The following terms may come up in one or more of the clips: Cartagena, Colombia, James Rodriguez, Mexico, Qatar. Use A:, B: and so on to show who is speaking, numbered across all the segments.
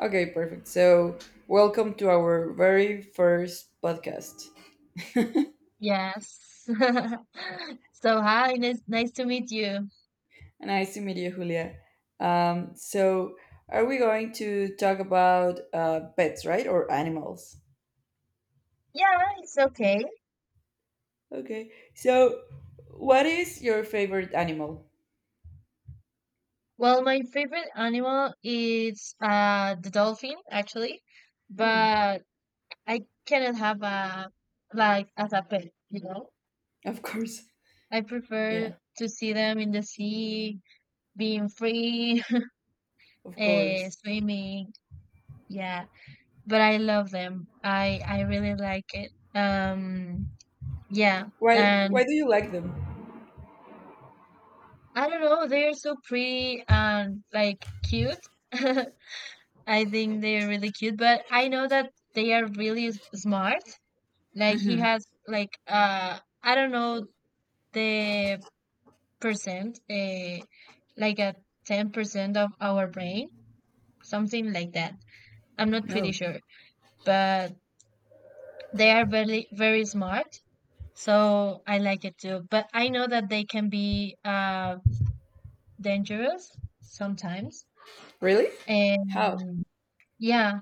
A: Okay, perfect. So, welcome to our very first podcast.
B: Yes. So, hi, nice to meet you.
A: Nice to meet you, Julia. Um, so, are we going to talk about pets, right? Or animals?
B: Yeah, it's okay.
A: Okay. So, what is your favorite animal?
B: Well, my favorite animal is the dolphin actually,
A: Hmm,
B: but I cannot have a like as a pet, you know.
A: of course.
B: I prefer
A: Yeah,
B: to see them in the sea, being free,
A: of course.
B: swimming. Yeah, but I love them. I really like it. Yeah,
A: Why
B: and
A: do you like them?
B: I don't know, they're so pretty and like cute. I think they're really cute, but I know that they are really smart. Like he
A: Mm-hmm.
B: has like I don't know the percent like a 10% of our brain, something like that. I'm not pretty
A: No.
B: sure, but they are very smart. So I like it too, but I know that they can be dangerous sometimes.
A: Really? How?
B: And yeah,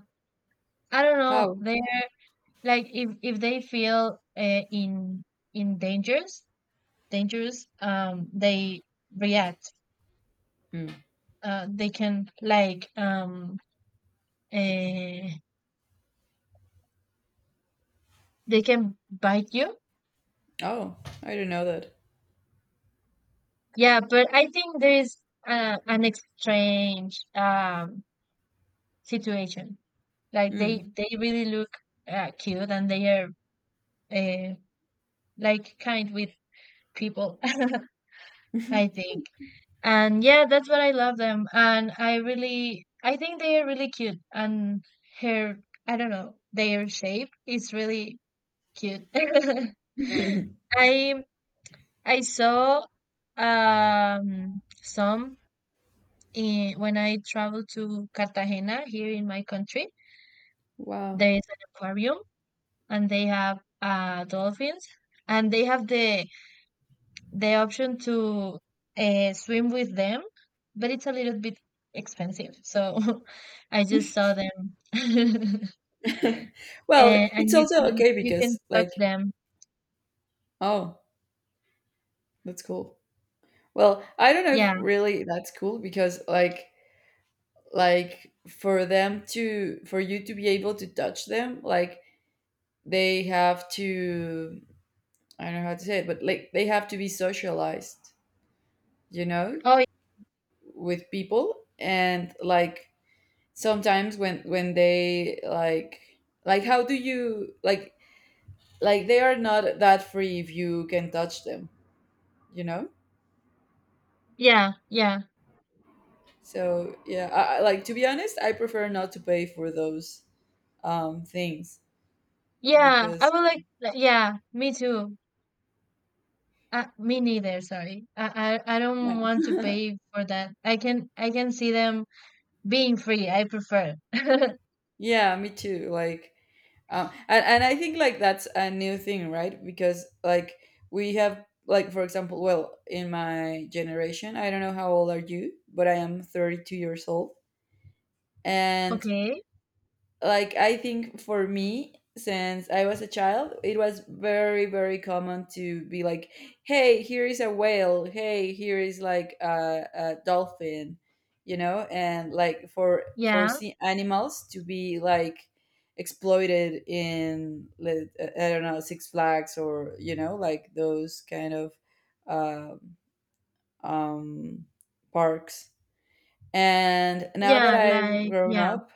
B: I don't know.
A: How?
B: They're like if they feel in in dangers, dangerous, they react.
A: Hmm.
B: They can like uh, they can bite you.
A: Oh, I didn't know that.
B: Yeah, but I think there is an exchange situation. Like they really look cute and they are uh, like kind with people. I think. And yeah, that's what I love them. And I really, I think they are really cute. And her, I don't know, their shape is really cute.
A: Hmm.
B: I saw some in, when I traveled to Cartagena here in my country.
A: Wow.
B: There is an aquarium, and they have dolphins, and they have the option to swim with them, but it's a little bit expensive. So I just saw them. and,
A: Well, it's
B: and you
A: also
B: can
A: okay
B: you can
A: because
B: touch
A: like,
B: them.
A: oh, that's cool. Well, I don't know if
B: Yeah.
A: really that's cool because like for them to for you to be able to touch them, like they have to I don't know how to say it, but like they have to be socialized, you know,
B: Oh
A: with people and like sometimes when they like how do you like they are not that free if you can touch them, you know?
B: yeah, yeah,
A: So yeah, like to be honest, I prefer not to pay for those things
B: yeah. I
A: because
B: would like. Like, yeah, me too. Me neither. Sorry, I don't want to
A: yeah,
B: pay for that. I can see them being free. I prefer.
A: yeah, me too. Like, and I think like that's a new thing, right? Because like we have like for example, well, in my generation, I don't know how old are you, but I am 32 years old, and
B: Okay.
A: like I think for me since I was a child it was very common to be like hey here is a whale hey here is like a dolphin you know and like for
B: Yeah.
A: sea animals to be like exploited in like, I don't know six flags or you know like those kind of uh, um parks and now that
B: Yeah.
A: I've
B: Like
A: grown
B: yeah.
A: up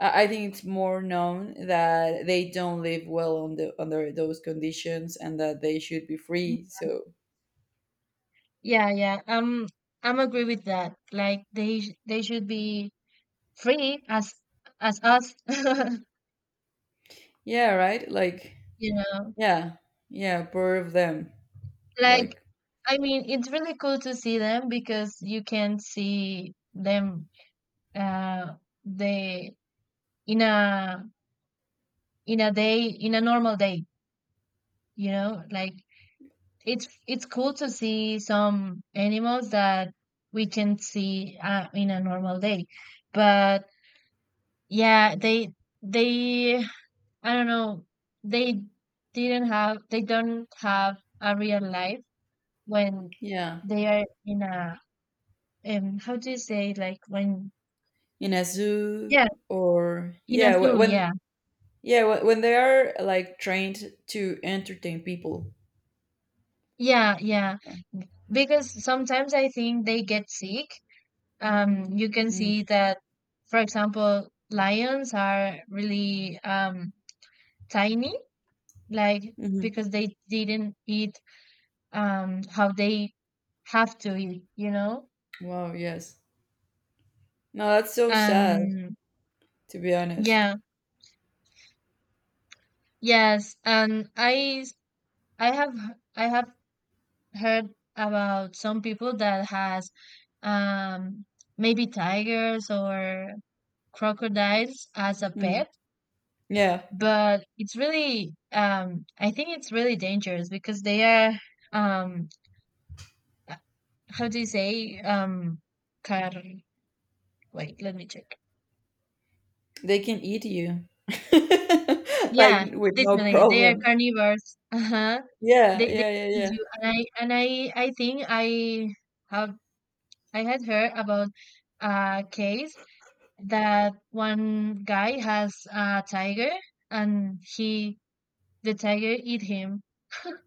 A: I think it's more known that they don't live well on the, under those conditions and that they should be free. So
B: Yeah, yeah. I'm agree with that. Like they should be free as us,
A: yeah, right? Like
B: you know.
A: yeah, yeah, poor of them.
B: Like
A: Like
B: I mean, it's really cool to see them because you can see them uh they in a in a day in a normal day, you know? Like it's cool to see some animals that we can see in a normal day. But yeah, they I don't know. They didn't have they don't have a real life when
A: yeah,
B: they are in a how do you say like when
A: in a zoo
B: yeah
A: or
B: in a
A: yeah,
B: zoo
A: when
B: yeah
A: yeah when they are like trained to entertain people.
B: yeah yeah because sometimes I think they get sick. You can
A: Mm,
B: see that, for example, lions are really tiny, like
A: mm-hmm.
B: because they didn't eat how they have to eat, you know?
A: Wow. Yes. No, that's so sad.
B: Um,
A: To be honest.
B: yeah. Yes, I have heard about some people that has um maybe tigers or crocodiles as a
A: Mm.
B: pet,
A: Yeah,
B: but it's really I think it's really dangerous because they are um uh, how do you say car wait, let me check.
A: they can eat you.
B: Yeah,
A: Like with no
B: definitely they are
A: problem.
B: carnivores. Uh-huh.
A: Yeah,
B: They
A: yeah, yeah, yeah.
B: eat and I think have I had heard about a case that one guy has a tiger and he the tiger eat him.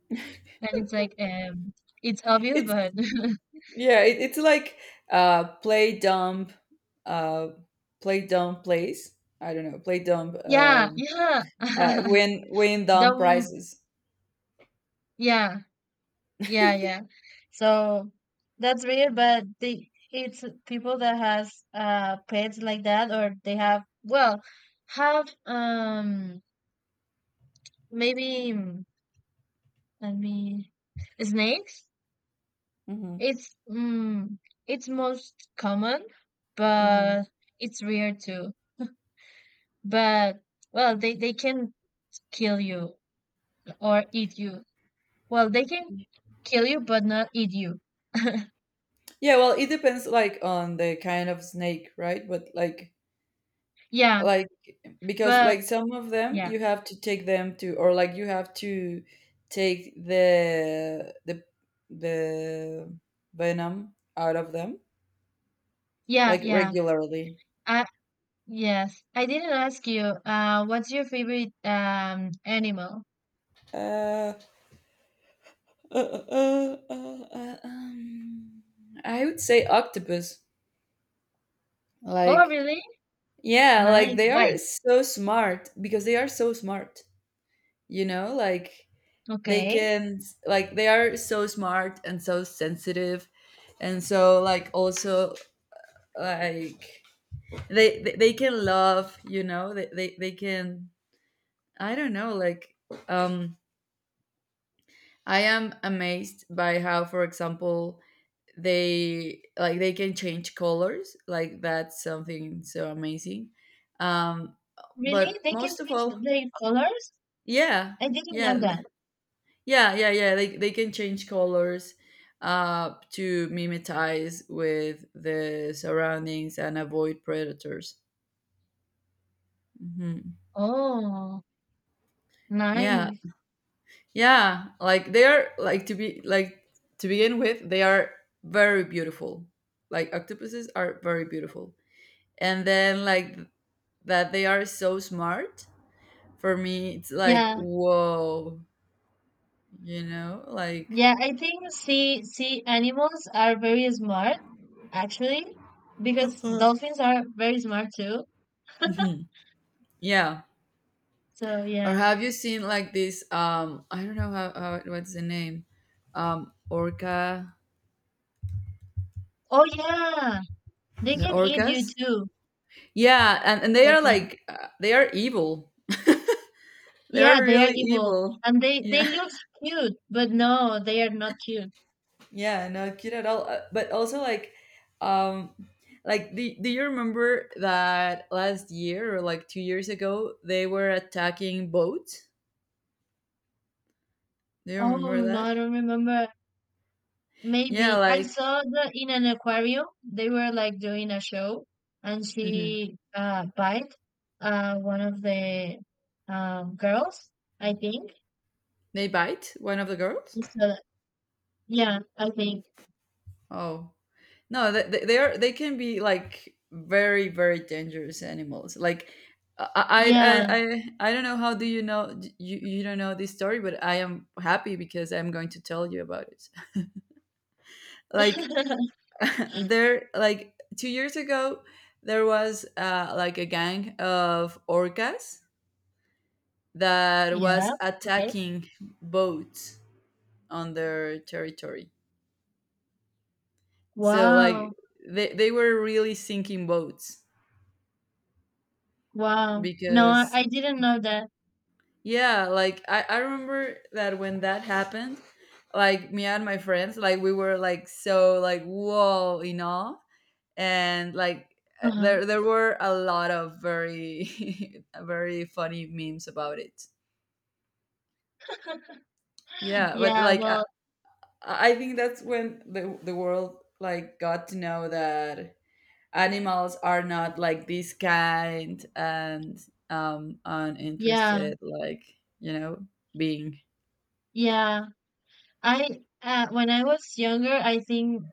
B: And it's like it's obvious
A: It's
B: but
A: yeah, it's like uh play dumb, uh play dumb plays. I don't know, play dumb,
B: yeah, yeah.
A: win dumb
B: Dumb
A: prizes.
B: yeah, yeah, yeah. So that's weird, but the it's people that has pets like that or they have well have maybe mm, let me snakes.
A: Hmm.
B: It's it's most common,
A: Hmm.
B: but it's rare too. But well, they can kill you or eat you. Well, they can kill you, but not eat you.
A: Yeah, well, it depends like on the kind of snake, right? But
B: Yeah,
A: like because
B: but
A: like some of them
B: yeah,
A: you have to take them to or like you have to take the venom out of them
B: yeah,
A: like
B: yeah.
A: regularly.
B: I yes, I didn't ask you. What's your favorite animal?
A: Uh Uh, uh, uh, uh, uh, um, I would say octopus.
B: Oh,
A: Like,
B: really?
A: yeah, like
B: Nice.
A: they
B: Why?
A: are so smart because they are so smart, you know? Like, they
B: Okay.
A: can, like, they are so smart and so sensitive. And so, like, also, like, they can love, you know? They can, I don't know, like, um, I am amazed by how, for example, they like they can change colors like that's something so amazing um
B: Really?
A: but
B: They can
A: most of all
B: change their colors?
A: yeah
B: I didn't know
A: yeah th-
B: that.
A: yeah they can change colors to mimetize with the surroundings and avoid predators. Hmm,
B: Oh,
A: yeah
B: nice.
A: yeah like they are like to be like to begin with they are very beautiful like octopuses are very beautiful and then like that they are so smart for me it's like
B: Yeah,
A: whoa you know like
B: yeah, I think sea animals are very smart actually because
A: Uh-huh.
B: dolphins are very smart too.
A: Mhm. Hmm, yeah.
B: So
A: Or
B: yeah.
A: have you seen like this I don't know how what's the name orca
B: Oh yeah, they
A: the
B: can eat you
A: orcas
B: too,
A: yeah and they
B: I
A: are
B: think.
A: like they are evil they are
B: Yeah, they are
A: really
B: evil
A: evil
B: and they
A: yeah.
B: look cute, but no, they are not cute.
A: Yeah, no kid at all. But also um, like do you remember that last year or like 2 years ago they were attacking boats? Do you
B: Oh
A: remember
B: no,
A: that?
B: I don't remember.
A: Yeah,
B: Maybe I
A: like
B: saw the in an aquarium they were like doing a show, and
A: mhm,
B: she bite one of the girls, I think.
A: they bite one of the girls.
B: And so yeah, I think
A: Oh no, they are they can be like very dangerous animals. Like I
B: yeah,
A: I I I don't know how do you know you don't know this story, but I am happy because I'm going to tell you about it. Like There, like 2 years ago, there was like a gang of orcas that
B: yeah.
A: was
B: Okay.
A: attacking boats on their territory. So like
B: Wow,
A: they were really sinking boats
B: wow. No,
A: because
B: I didn't know that.
A: yeah, like I remember that when that happened, like me and my friends, like we were like so like whoa in awe and like
B: Uh-huh.
A: there were a lot of very very funny memes about it. Yeah, but
B: Yeah. Well.
A: I think that's when the world like got to know that animals are not like this kind and
B: Yeah.
A: uninterested like you know being.
B: Yeah. I when I was younger, I think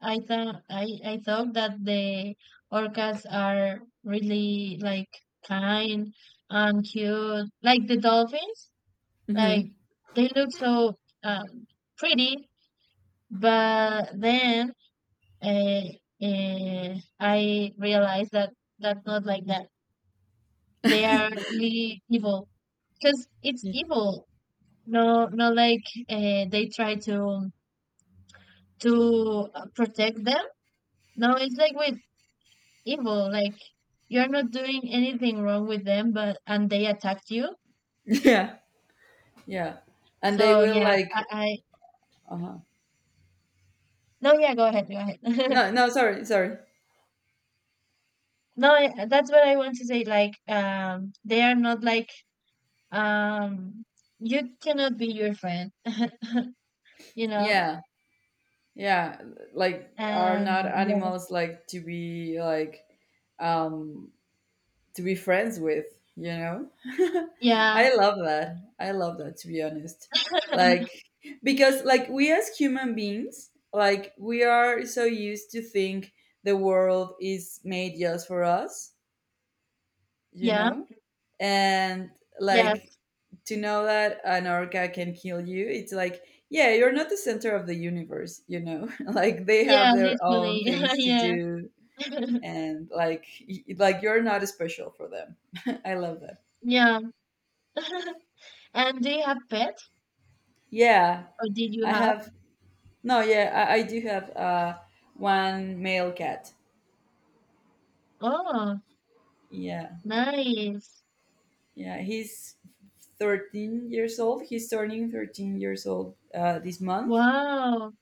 B: I thought that the orcas are really like kind and cute, like the dolphins. Like
A: Hmm.
B: they look so um, pretty, but then uh, I realized that that's not like that. They are really evil because it's
A: Yeah,
B: evil. No, not like they try to protect them. No, it's like we evil. Like you're not doing anything wrong with them, but and they attacked you.
A: yeah, yeah, and they
B: So
A: will
B: yeah,
A: like
B: I
A: uh-huh.
B: no, yeah, go ahead, go ahead.
A: No no sorry.
B: No, I, that's what I want to say. Like, they are not like um, you cannot be your friend, you know.
A: Yeah yeah like are not
B: And
A: animals like um to be friends with you know
B: yes, yeah,
A: I love that I love that to be honest like because like we as human beings like we are so used to think the world is made just for us, you
B: yeah,
A: know? And like
B: yes,
A: to know that an orca can kill you, it's like, yeah, you're not the center of the universe, you know? Like they have
B: yeah,
A: their
B: literally,
A: own things to
B: yeah,
A: do and like like you're not special for them. I love that.
B: yeah. And do you have pets,
A: Yeah,
B: or did you
A: I
B: have?
A: have no, yeah, I do have one male cat.
B: Oh,
A: Yeah.
B: nice.
A: Yeah, he's 13 years old. He's turning 13 years old this month.
B: Wow.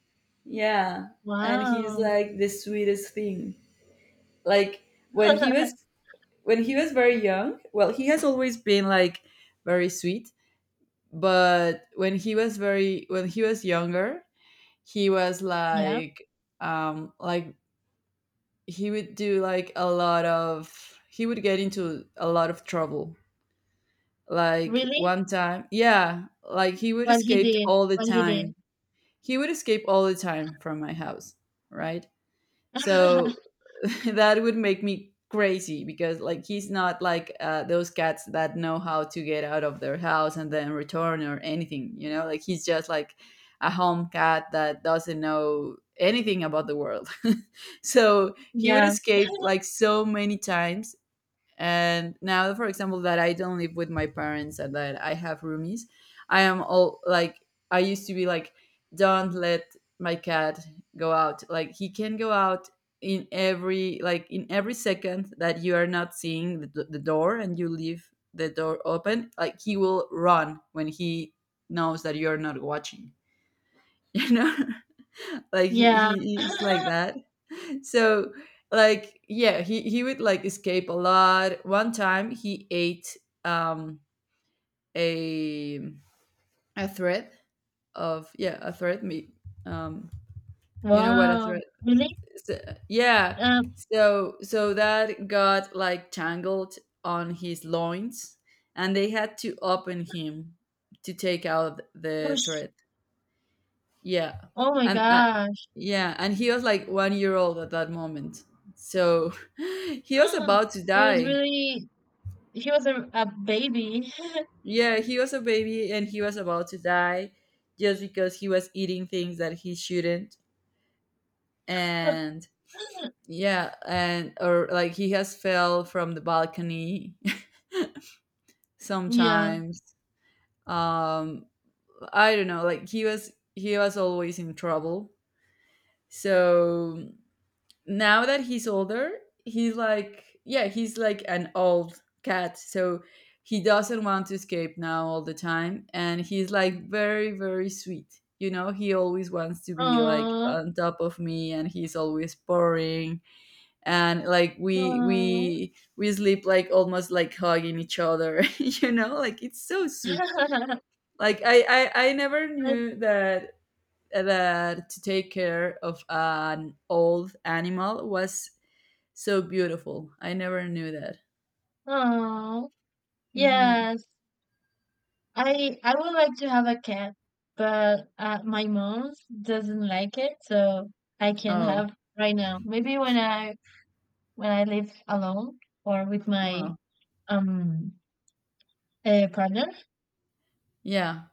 A: Yeah, and he's
B: Wow.
A: like the sweetest thing. Like when he was when he was very young, well, he has always been like very sweet, but when he was very when he was younger, he was
B: Yeah.
A: like he would do like a lot of he would get into a lot of trouble. Like
B: Really?
A: one time, yeah, like he would
B: What he
A: escape
B: did.
A: all the
B: What he did.
A: time. He would escape all the time from my house, right? So that would make me crazy because like he's not like those cats that know how to get out of their house and then return or anything. You know, like he's just like a home cat that doesn't know anything about the world. So he would
B: Yeah.
A: escape like so many times and now for example that I don't live with my parents and that I have roomies I am all like I used to be like don't let my cat go out like he can go out in every like in every second that you are not seeing the door and you leave the door open like he will run when he knows that you're not watching you know like
B: Yeah.
A: he is like that so like yeah he would like escape a lot one time he ate um a a thread of yeah a thread meat um you know what a
B: Wow.
A: thread
B: Really?
A: so, yeah
B: Um,
A: so so that got like tangled on his loins and they had to open him to take out the
B: oosh.
A: thread. Yeah.
B: Oh my
A: And
B: gosh.
A: yeah, and he was like one year old at that moment. So he was about to
B: He was
A: die.
B: really, he was a baby.
A: Yeah, he was a baby and he was about to die just because he was eating things that he shouldn't. And yeah, and or like he has fell from the balcony
B: Yeah.
A: sometimes. Um I don't know, like he was always in trouble. So now that he's older, he's like, yeah, he's like an old cat. So he doesn't want to escape now all the time. And he's like very sweet. You know, he always wants to be like
B: Oh.
A: on top of me and he's always purring and like we
B: Oh.
A: we we sleep like almost like hugging each other, you know, like it's so sweet. Like I never knew that that to take care of an old animal was so beautiful. I never knew that.
B: Oh.
A: Hmm.
B: Yes. I would like to have a cat, but my mom doesn't like it, so I can't
A: Oh,
B: have right now. Maybe when I live alone or with my
A: wow.
B: um partner.
A: Yeah.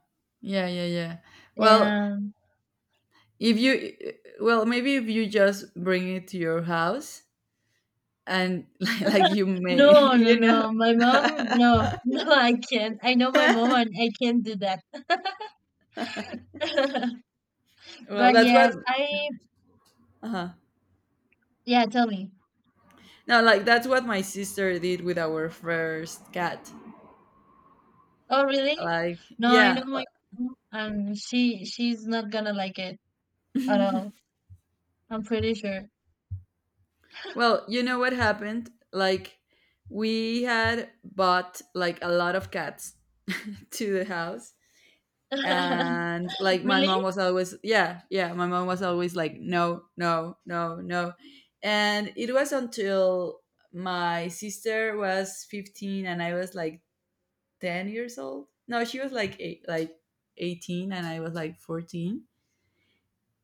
A: Yeah, yeah, yeah. Well,
B: And
A: if you, well, maybe if you just bring it to your house and like you may,
B: no, no,
A: you know,
B: no, my mom, no, no, I can't. I know my mom, and I can't do that.
A: well,
B: But
A: that's what,
B: yes, I
A: uh huh.
B: yeah. Tell me.
A: No, like that's what my sister did with our first cat.
B: Oh, really?
A: Like,
B: No, I know
A: yeah.
B: my mom, and she's not gonna like it at all. I'm pretty sure.
A: Well, you know what happened? Like, we had bought like a lot of cats to the house and like my
B: Really?
A: mom was always yeah yeah my mom was always like no no no no and it was until my sister was 15 and I was like 10 years old no she was like eight, like 18 and I was like 14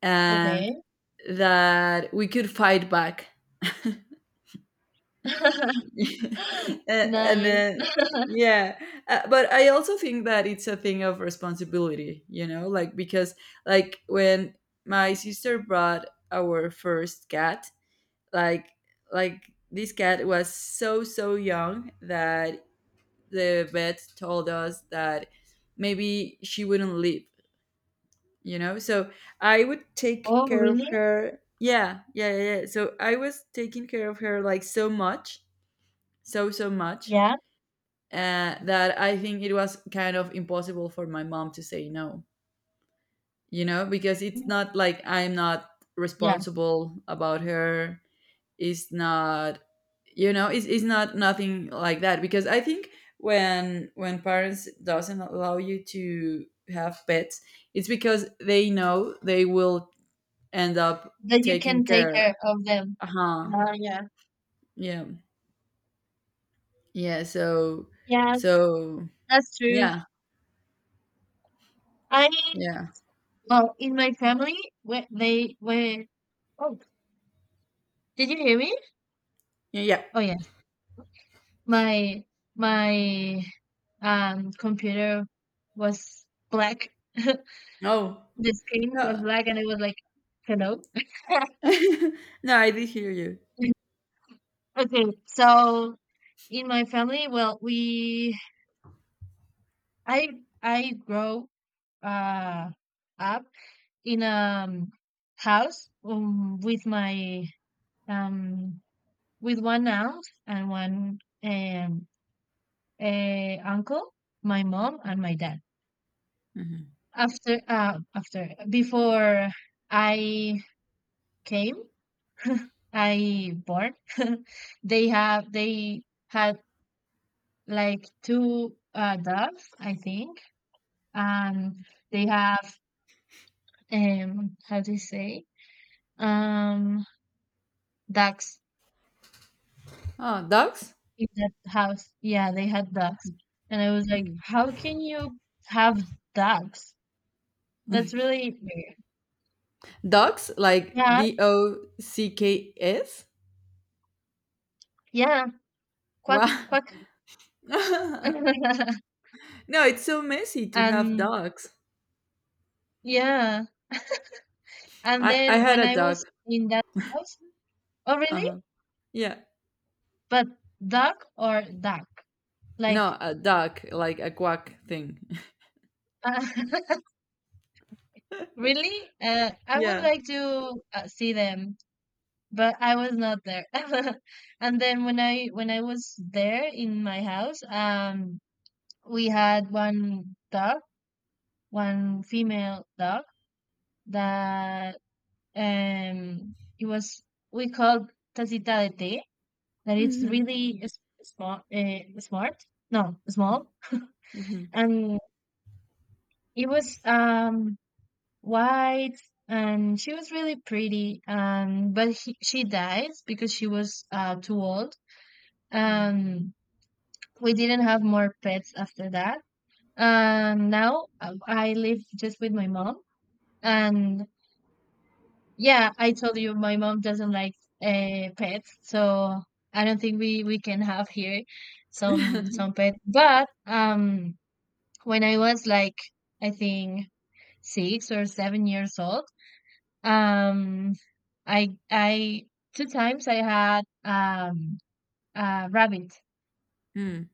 A: and
B: Okay.
A: that we could fight back. A- and
B: Nice.
A: then yeah but I also think that it's a thing of responsibility you know like because like when my sister brought our first cat like like this cat was so so young that the vet told us that maybe she wouldn't live you know so I would take
B: Oh,
A: care of
B: really?
A: her yeah yeah yeah yeah. So I was taking care of her like so much, so so much,
B: Yeah.
A: that I think it was kind of impossible for my mom to say no, you know, because it's not like I'm not
B: Yeah.
A: responsible about her. It's not, it's not nothing like that. Because I think when parents doesn't allow you to have pets, it's because they know they will end up
B: That you
A: taking
B: can take
A: care.
B: care of them.
A: Uh huh.
B: Yeah.
A: Yeah. Yeah. So,
B: Yes,
A: so
B: that's true.
A: yeah.
B: I,
A: Yeah.
B: well, in my family, where they were, oh, did you hear me?
A: Yeah. Yeah.
B: Oh, yes. My, my, computer was black.
A: No.
B: The screen was
A: No.
B: black and it was like, hello.
A: No, I did hear you.
B: Okay, so in my family, well, we I I grow uh up in a um, house with my um with one aunt and one um uncle, my mom and my dad.
A: Mhm.
B: After after before I came, I born, they had like two doves, I think, and they have how do you say um ducks
A: Oh, dogs?
B: in that house. Yeah, they had ducks, and I was like,
A: Mm.
B: how can you have ducks? That's really weird.
A: Dogs? Like
B: Yeah,
A: DOCKS?
B: yeah, quack
A: Wow.
B: quack.
A: No, it's so messy to have
B: And
A: dogs.
B: yeah, and
A: I
B: then
A: had
B: when
A: a
B: I
A: dog.
B: was in that house. Oh
A: Uh
B: really?
A: huh. Yeah.
B: But duck or duck,
A: No,
B: like
A: a duck, like a quack thing.
B: really, I would
A: Yeah.
B: like to see them, but I was not there. And then when I was there in my house, we had one dog, one female dog that um it was we called Tacita de Té, that it's
A: Mhm.
B: really small, smart, no, small,
A: Mhm.
B: and it was white. And she was really pretty, but she died because she was too old.
A: Mm.
B: Um, we didn't have more pets after that. Now I live just with my mom, and yeah, I told you my mom doesn't like pets, so I don't think we can have here some pet. But when I was like I think 6 or 7 years old, um, I two times I had a rabbit.
A: Mm.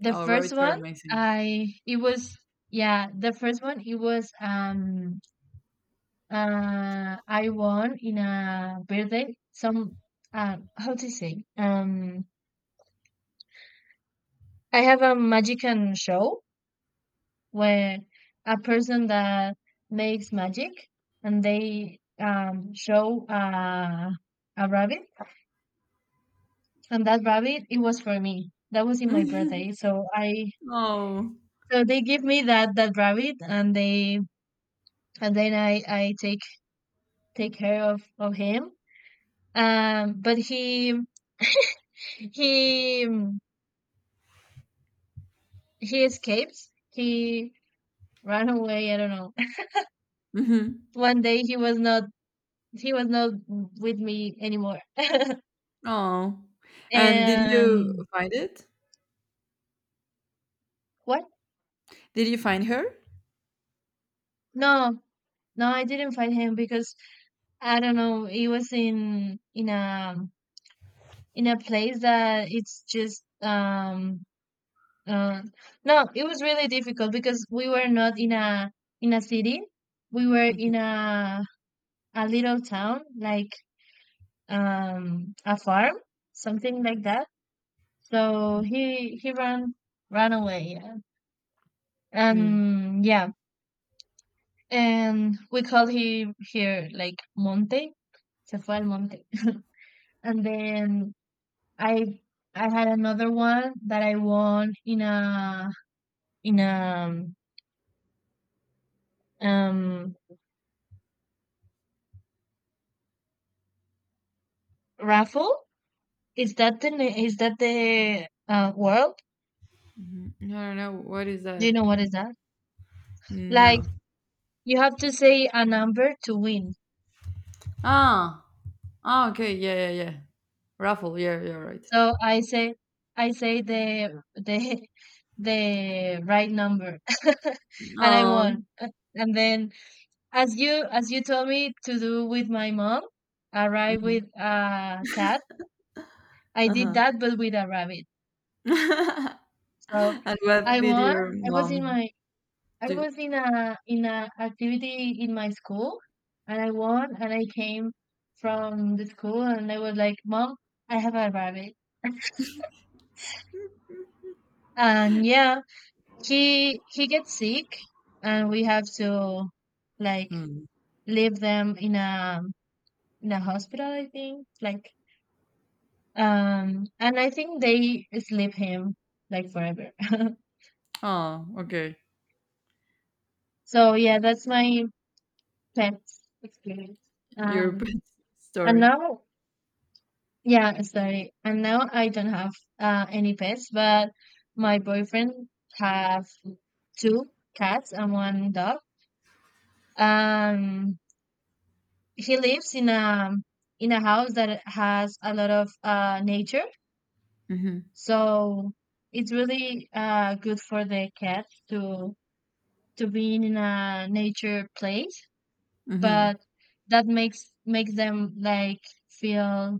B: The
A: Oh,
B: first
A: rabbits are
B: one,
A: amazing.
B: I it was yeah, the first one it was I won in a birthday some how to say I have a magician show where a person that makes magic and they show a rabbit, and that rabbit it was for me. That was in my
A: Mhm.
B: birthday. So I
A: Oh.
B: so they give me that that rabbit, and they and then I take take care of him. But he he escapes. He ran away. I don't know.
A: Hmm.
B: One day he was not with me anymore.
A: Oh. And did you
B: And
A: find it?
B: what?
A: Did you find her?
B: No, no, I didn't fight him because I don't know. He was in a place that it's just uh, no. It was really difficult because we were not in a in a city. We were in a little town, like a farm, something like that. So he ran ran away, yeah.
A: Mhm.
B: And yeah, and we call him here like Monte. Se fue al monte. And then I had another one that I won in a um raffle. Is that the is that the world?
A: Mhm. I don't know what is
B: Do you
A: that.
B: know what is that? Like
A: No.
B: you have to say a number to win.
A: Ah. Ah. Okay. Yeah. Yeah. Yeah. Raffle. Yeah. You're right.
B: So I say the the right number and I won.
A: Oh.
B: And then as you told me to do with my mom, arrive
A: Mhm.
B: with a cat, I did
A: Uh-huh.
B: that but with a rabbit. So
A: And what
B: I
A: did
B: won.
A: your
B: I was in
A: mom
B: my I
A: do?
B: was in a activity in my school and I won and I came from the school and I was like, Mom, I have a rabbit. And yeah, he gets sick and we have to like
A: Hmm.
B: leave them in a hospital, I think, like and I think they sleep him like forever.
A: Oh. Okay.
B: So yeah, that's my pet experience.
A: Your pet
B: um and
A: story.
B: now, yeah, sorry, and now I don't have any pets, but my boyfriend have two cats and one dog. um he lives in a house that has a lot of nature,
A: Mm-hmm.
B: so it's really good for the cat to be in a nature place.
A: Mm-hmm.
B: But that makes them like feel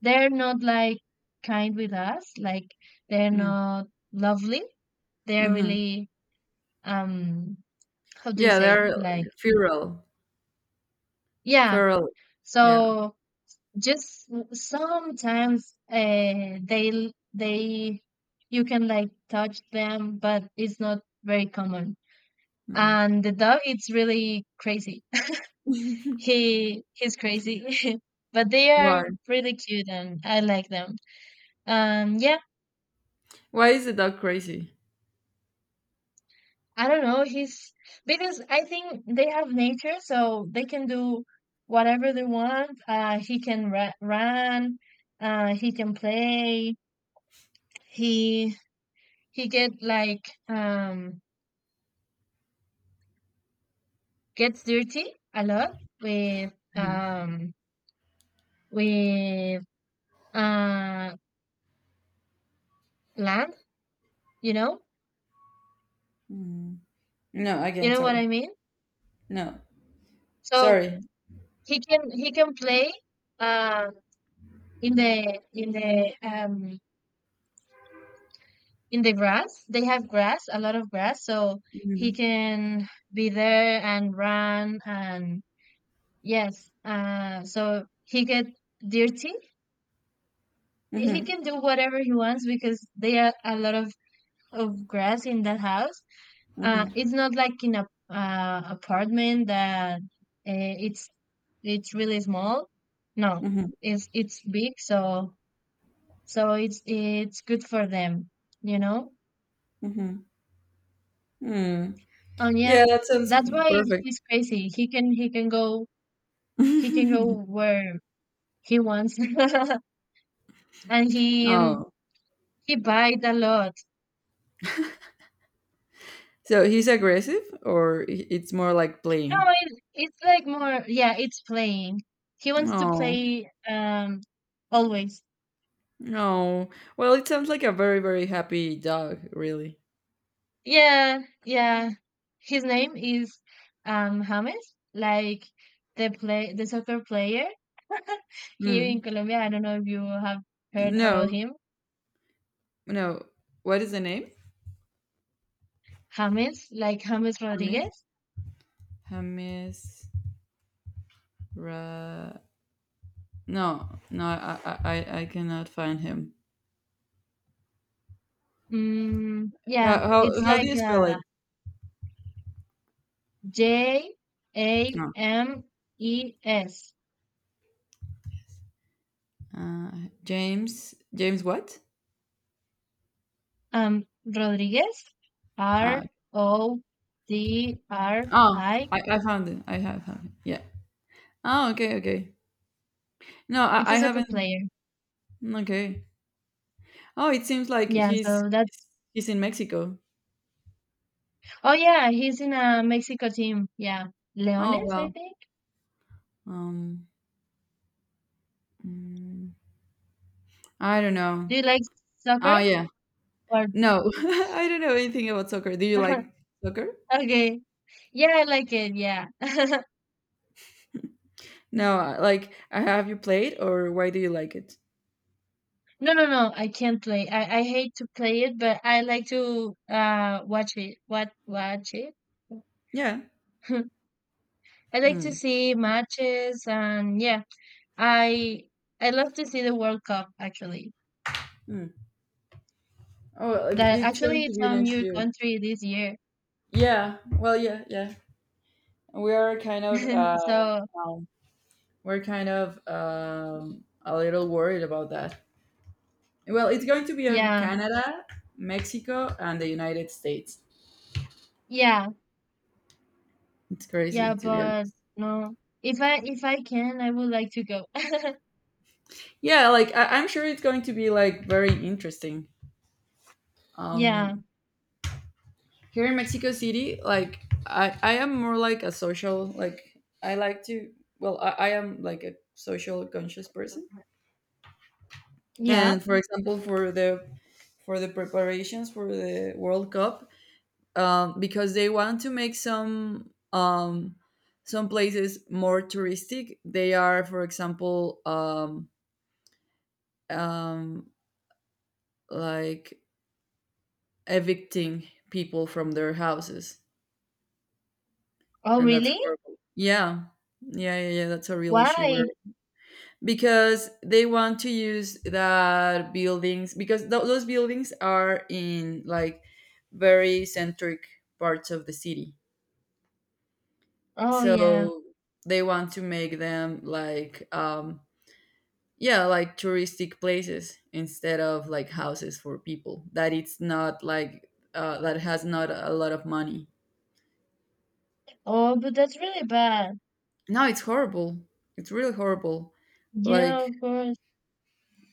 B: they're not like kind with us, like they're
A: Mm.
B: not lovely, they're
A: Mm-hmm.
B: really um how do you
A: Yeah.
B: say,
A: They're
B: like,
A: feral.
B: yeah.
A: Feral. Yeah.
B: So just sometimes they you can like touch them, but it's not very common.
A: Mm.
B: And the dog, it's really crazy. He's crazy. But they
A: Why?
B: are really cute and I like them. Yeah,
A: Why is the dog crazy?
B: I don't know, he's because I think they have nature, so they can do whatever they want. Run, he can play, he he get like gets dirty a lot with
A: Mhm.
B: um with uh land, you know,
A: Mm. No.
B: you
A: Again.
B: know what I
A: Sorry.
B: mean.
A: No.
B: So
A: Sorry.
B: he can play uh in the in the in the grass. They have grass, a lot of grass, so he
A: Mm-hmm.
B: can be there and run and, yes, so he get dirty. He
A: Mhm,
B: can do whatever he wants, because they are a lot of grass in that house.
A: mhm,
B: It's not like in a apartment that it's it's really small. No,
A: mhm,
B: it's big, so so it's good for them, you know.
A: mhm, mm.
B: And yeah,
A: Yeah, that sounds
B: that's why
A: perfect.
B: he's crazy. He can go where he wants, and
A: Oh,
B: he buys a lot.
A: so he's aggressive, or it's more like
B: No,
A: playing?
B: it's like more, yeah, it's playing. He wants to
A: Oh,
B: play, always.
A: no. Well, it sounds like a very, very happy dog, really.
B: Yeah, yeah. His name is James, like the soccer player here in
A: Mm.
B: Colombia. I don't know if you have heard about
A: No,
B: him.
A: no. What is the name?
B: James, like James
A: Hamis.
B: Rodriguez.
A: Hamis. Ra. No, no. I cannot find him.
B: Mm, yeah,
A: How,
B: it's
A: how, how do
B: like
A: you spell it?
B: J A
A: No.
B: M E S.
A: Uh, James. James. What?
B: Um, Rodriguez, R
A: Uh,
B: O D R
A: Oh,
B: I.
A: I found it. I have found it. Yeah. Oh, okay, okay. No,
B: It's
A: I
B: a soccer
A: haven't.
B: player.
A: Mm, okay. Oh, it seems like
B: Yeah, so that's
A: he's in Mexico.
B: Oh yeah, he's in a Mexico team. Yeah.
A: Oh
B: Leones, I
A: well.
B: think.
A: Um, mm, I don't
B: Do
A: know.
B: you like soccer?
A: Oh yeah.
B: Or
A: No, I don't know anything about soccer. Do you like soccer?
B: okay. Yeah, I like it. Yeah.
A: No, like have you played or why do you like it?
B: No, no, no. I can't play. I hate to play it, but I like to watch it. What, watch it?
A: Yeah.
B: I like to
A: Mm.
B: see matches and yeah, I I love to see the World Cup actually.
A: Mm. Oh, well,
B: That
A: it's
B: actually
A: going to
B: it's
A: be
B: on
A: next
B: your
A: year.
B: country this year.
A: Yeah. Well, yeah, yeah. We are kind of
B: So
A: um, we're kind of a little worried about that. Well, it's going to be on
B: yeah,
A: Canada, Mexico, and the United States.
B: yeah.
A: It's crazy
B: Yeah,
A: to be
B: but
A: honest.
B: no. If I can, I would like to go.
A: Yeah, like I'm sure it's going to be like very interesting.
B: Yeah.
A: Um, here in Mexico City, like I am more like a social, like I like to, well, I am like a social conscious person.
B: Yeah.
A: And for example, for the, for the preparations for the World Cup, because they want to make some places more touristic. They are, for example, um, like evicting people from their houses,
B: Oh,
A: and that's
B: really?
A: horrible. Yeah, yeah, yeah, yeah. That's a real issue where
B: Why?
A: because they want to use that buildings because those buildings are in like very centric parts of the city,
B: Oh, yeah.
A: so they want to make them like, um, yeah, like touristic places instead of like houses for people that it's not like that has not a lot of money.
B: Oh, but that's really bad.
A: No, it's horrible, it's really horrible.
B: Yeah,
A: Like,
B: of course.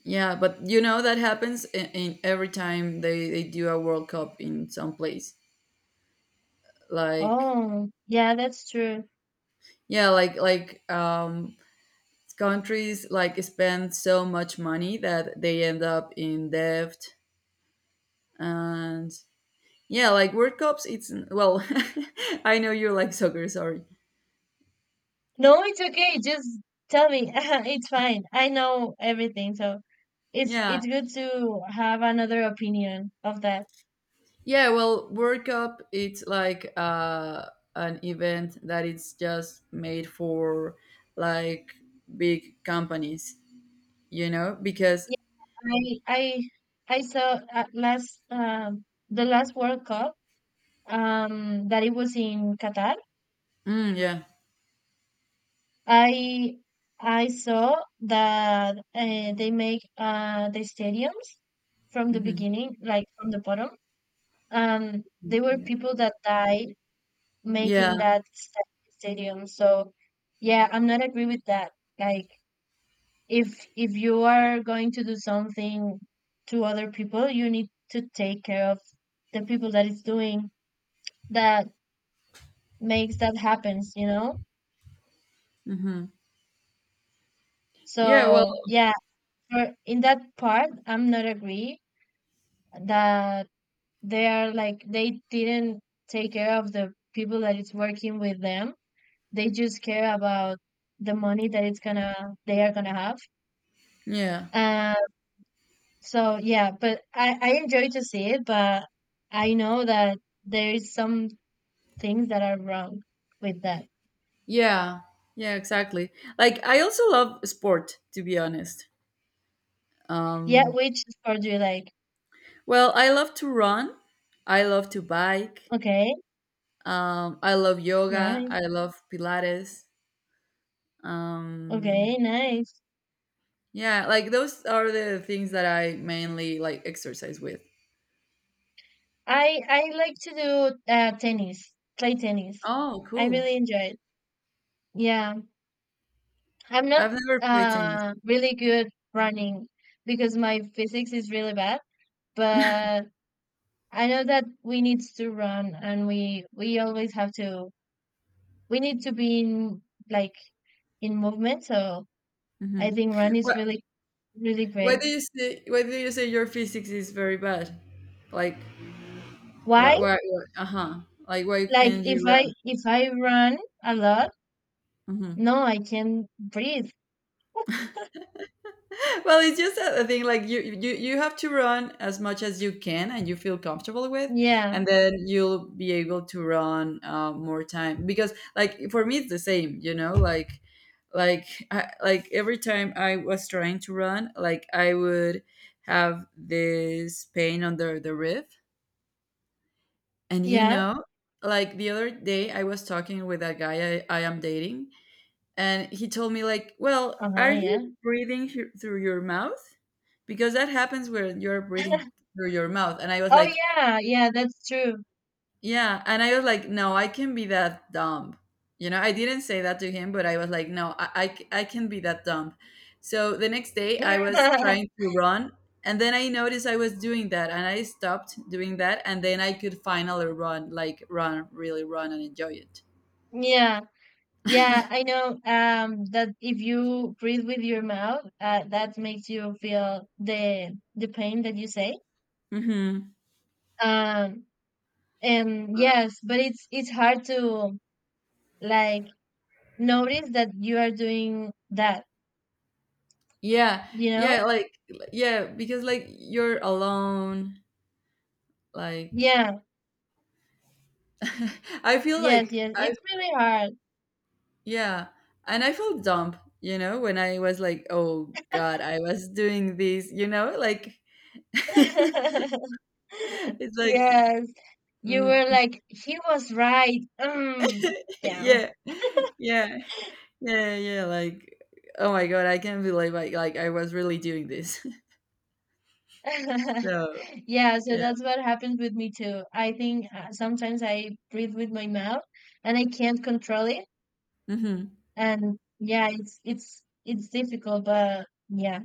A: yeah, but you know that happens in every time they do a world cup in some place, like,
B: Oh, yeah, that's true.
A: yeah, like like, countries like spend so much money that they end up in debt. And yeah, like world cups, it's, well, I know you like soccer, sorry.
B: No, it's okay. Just tell me. It's fine. I know everything, so it's
A: Yeah,
B: it's good to have another opinion of that.
A: yeah, well, world cup, it's like an event that it's just made for, like, big companies, you know, because
B: Yeah, I I I saw last the last World Cup that it was in Qatar.
A: mm, yeah.
B: I I saw that they make the stadiums from the
A: Hmm.
B: beginning, like from the bottom, and they were
A: Yeah,
B: people that died making
A: yeah.
B: that stadium. So yeah, I'm not agree with that. Like, if you are going to do something to other people, you need to take care of the people that is doing that makes that happens, you know?
A: Hmm. Yeah, well.
B: So yeah, for in that part, I'm not agree that they are like they didn't take care of the people that it's working with them. They just care about the money that it's gonna they are gonna have.
A: Yeah,
B: Uh, so yeah, but I enjoy to see it, but I know that there is some things that are wrong with that.
A: yeah, yeah, exactly. Like I also love sport to be honest.
B: Yeah,
A: Um,
B: which is for you like
A: well, I love to run. I love to bike.
B: okay,
A: I love yoga.
B: nice,
A: I love Pilates.
B: okay,
A: Um,
B: nice.
A: yeah, like those are the things that I mainly like exercise with.
B: I like to do tennis, play tennis.
A: Oh,
B: I
A: cool!
B: really enjoy it. Yeah. I'm not
A: I've never played tennis.
B: really good running, because my physics is really bad, but I know that we need to run and we always have to we need to be in like in movement. So I
A: Hmm.
B: think run is
A: What?
B: really really
A: Why
B: great.
A: do you say? Why do you say your physics is very bad? Like, why?
B: Why?
A: Why? Why? Uh huh. Like, why
B: Like,
A: can't you run?
B: if I run a lot,
A: Mm-hmm.
B: no, I can't breathe.
A: Well, it's just a thing, like you, you have to run as much as you can and you feel comfortable with,
B: Yeah,
A: and then you'll be able to run more time, because like for me it's the same, you know, like I, like every time I was trying to run, like I would have this pain under the rib, and you
B: yeah,
A: know, like the other day I was talking with a guy I am dating, and he told me like, well,
B: uh-huh,
A: are you
B: yeah.
A: breathing through your mouth, because that happens when you're breathing through your mouth. And I was
B: Oh
A: like,
B: yeah, yeah, that's true.
A: yeah. And I was like, no, I can be that dumb, you know. I didn't say that to him, but I was like, no, I can be that dumb. So the next day I was trying to run, and then I noticed I was doing that, and I stopped doing that, and then I could finally run, like run, really run, and enjoy it.
B: Yeah. Yeah, I know that if you breathe with your mouth, that makes you feel the pain that you say.
A: Hmm.
B: Um and yes, but it's hard to like notice that you are doing that,
A: Yeah,
B: you know?
A: yeah, like, yeah, because like you're alone, like,
B: Yeah.
A: I feel
B: Yes,
A: like
B: yes.
A: I,
B: It's really hard.
A: yeah, and I felt dumb, you know, when I was like, oh God, I was doing this, you know, like it's like
B: Yes. You
A: mm,
B: were like, he was right. Mm, yeah.
A: yeah, yeah, yeah, yeah, like oh my God, I can't believe like I was really doing this. So
B: Yeah, so
A: yeah,
B: that's what happens with me too. I think sometimes I breathe with my mouth and I can't control it.
A: mm-hmm,
B: And yeah, it's difficult, but yeah.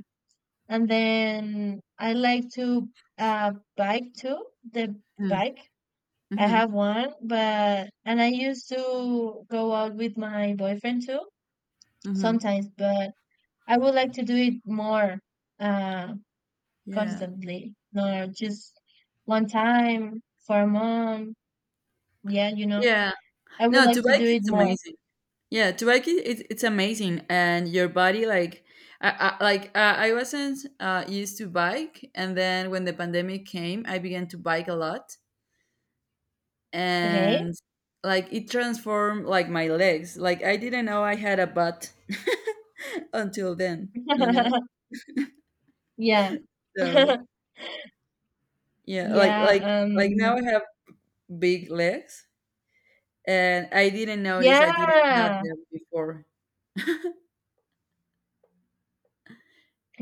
B: And then I like to bike too, the
A: mm-hmm,
B: bike. I
A: mm-hmm,
B: have one, but and I used to go out with my boyfriend too
A: mm-hmm,
B: sometimes, but I would like to do it more. Uh.
A: yeah,
B: Constantly, not just one time for a month. Yeah, you know,
A: yeah.
B: I would
A: No,
B: like
A: to
B: to
A: bike
B: do it
A: it's
B: more.
A: amazing. Yeah, Tubac is, it's amazing, and your body like I like I wasn't used to bike, and then when the pandemic came, I began to bike a lot,
B: Okay.
A: and like it transformed like my legs. Like I didn't know I had a butt until then, you know.
B: Yeah.
A: So yeah, like
B: Yeah.
A: like now I have big legs, and I didn't notice I didn't have
B: Yeah.
A: them before.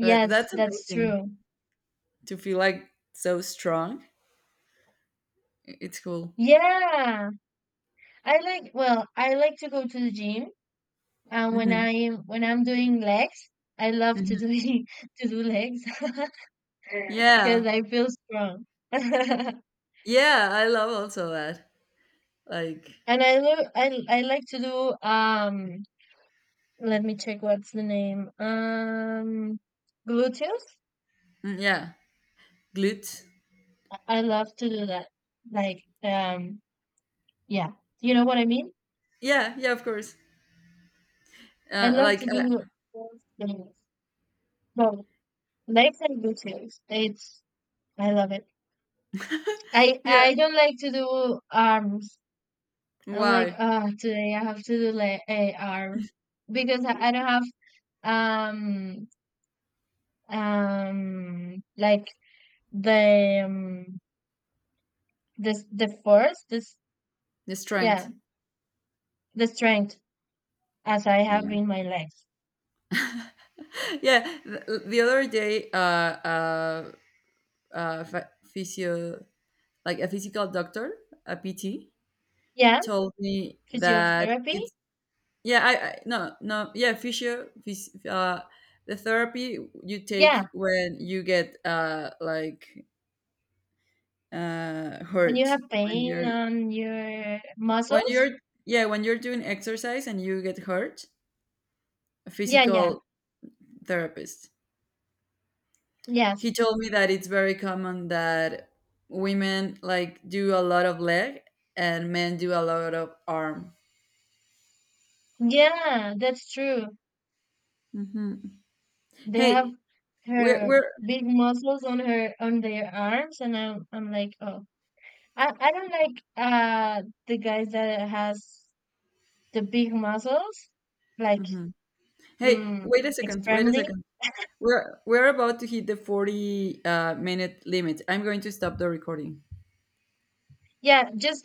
A: But that's
B: that's
A: amazing
B: true.
A: to feel like so strong. It's cool.
B: Yeah. I like, well, I like to go to the gym. And
A: Mhm,
B: when I'm doing legs, I love to
A: mhm.
B: do to do legs because
A: Yeah.
B: I feel strong.
A: Yeah, I love also that. Like,
B: And I look, I like to do let me check what's the name. Gluteus.
A: mm, yeah, glute.
B: I love to do that. Like, yeah, you know what I mean.
A: Yeah, yeah, of course.
B: I love
A: Like,
B: to do both things. Both legs and gluteus. It's I love it.
A: yeah.
B: I don't like to do arms. I'm like,
A: Wow,
B: ah, today I have to do like eh, arms because I don't have like the um, the force this
A: the
B: yeah
A: strength.
B: the strength as I
A: Yeah,
B: have in my life.
A: yeah. The other day, ph- physio, like a physical doctor, a PT,
B: Yeah,
A: told me that
B: physiotherapy.
A: it's yeah. I no no yeah physio the therapy you
B: Yeah,
A: take when you get like
B: when you
A: hurt,
B: have
A: when
B: pain
A: you're
B: on your
A: when
B: muscles.
A: you're yeah when you're doing exercise and you get hurt, a
B: Yeah, yeah,
A: physical therapist, he
B: yes.
A: told me that it's very common that women like do a lot of leg and men do a lot of arm.
B: Yeah, that's true.
A: Hmm.
B: They have
A: Hey, we're
B: her
A: we're
B: big muscles on her on their arms, and I'm like, oh, I don't like the guys that has the big muscles, like
A: mhm. Hey,
B: mm,
A: wait a second, wait a
B: extremely.
A: second, we're about to hit the 40 minute limit, I'm going to stop the recording.
B: Yeah, just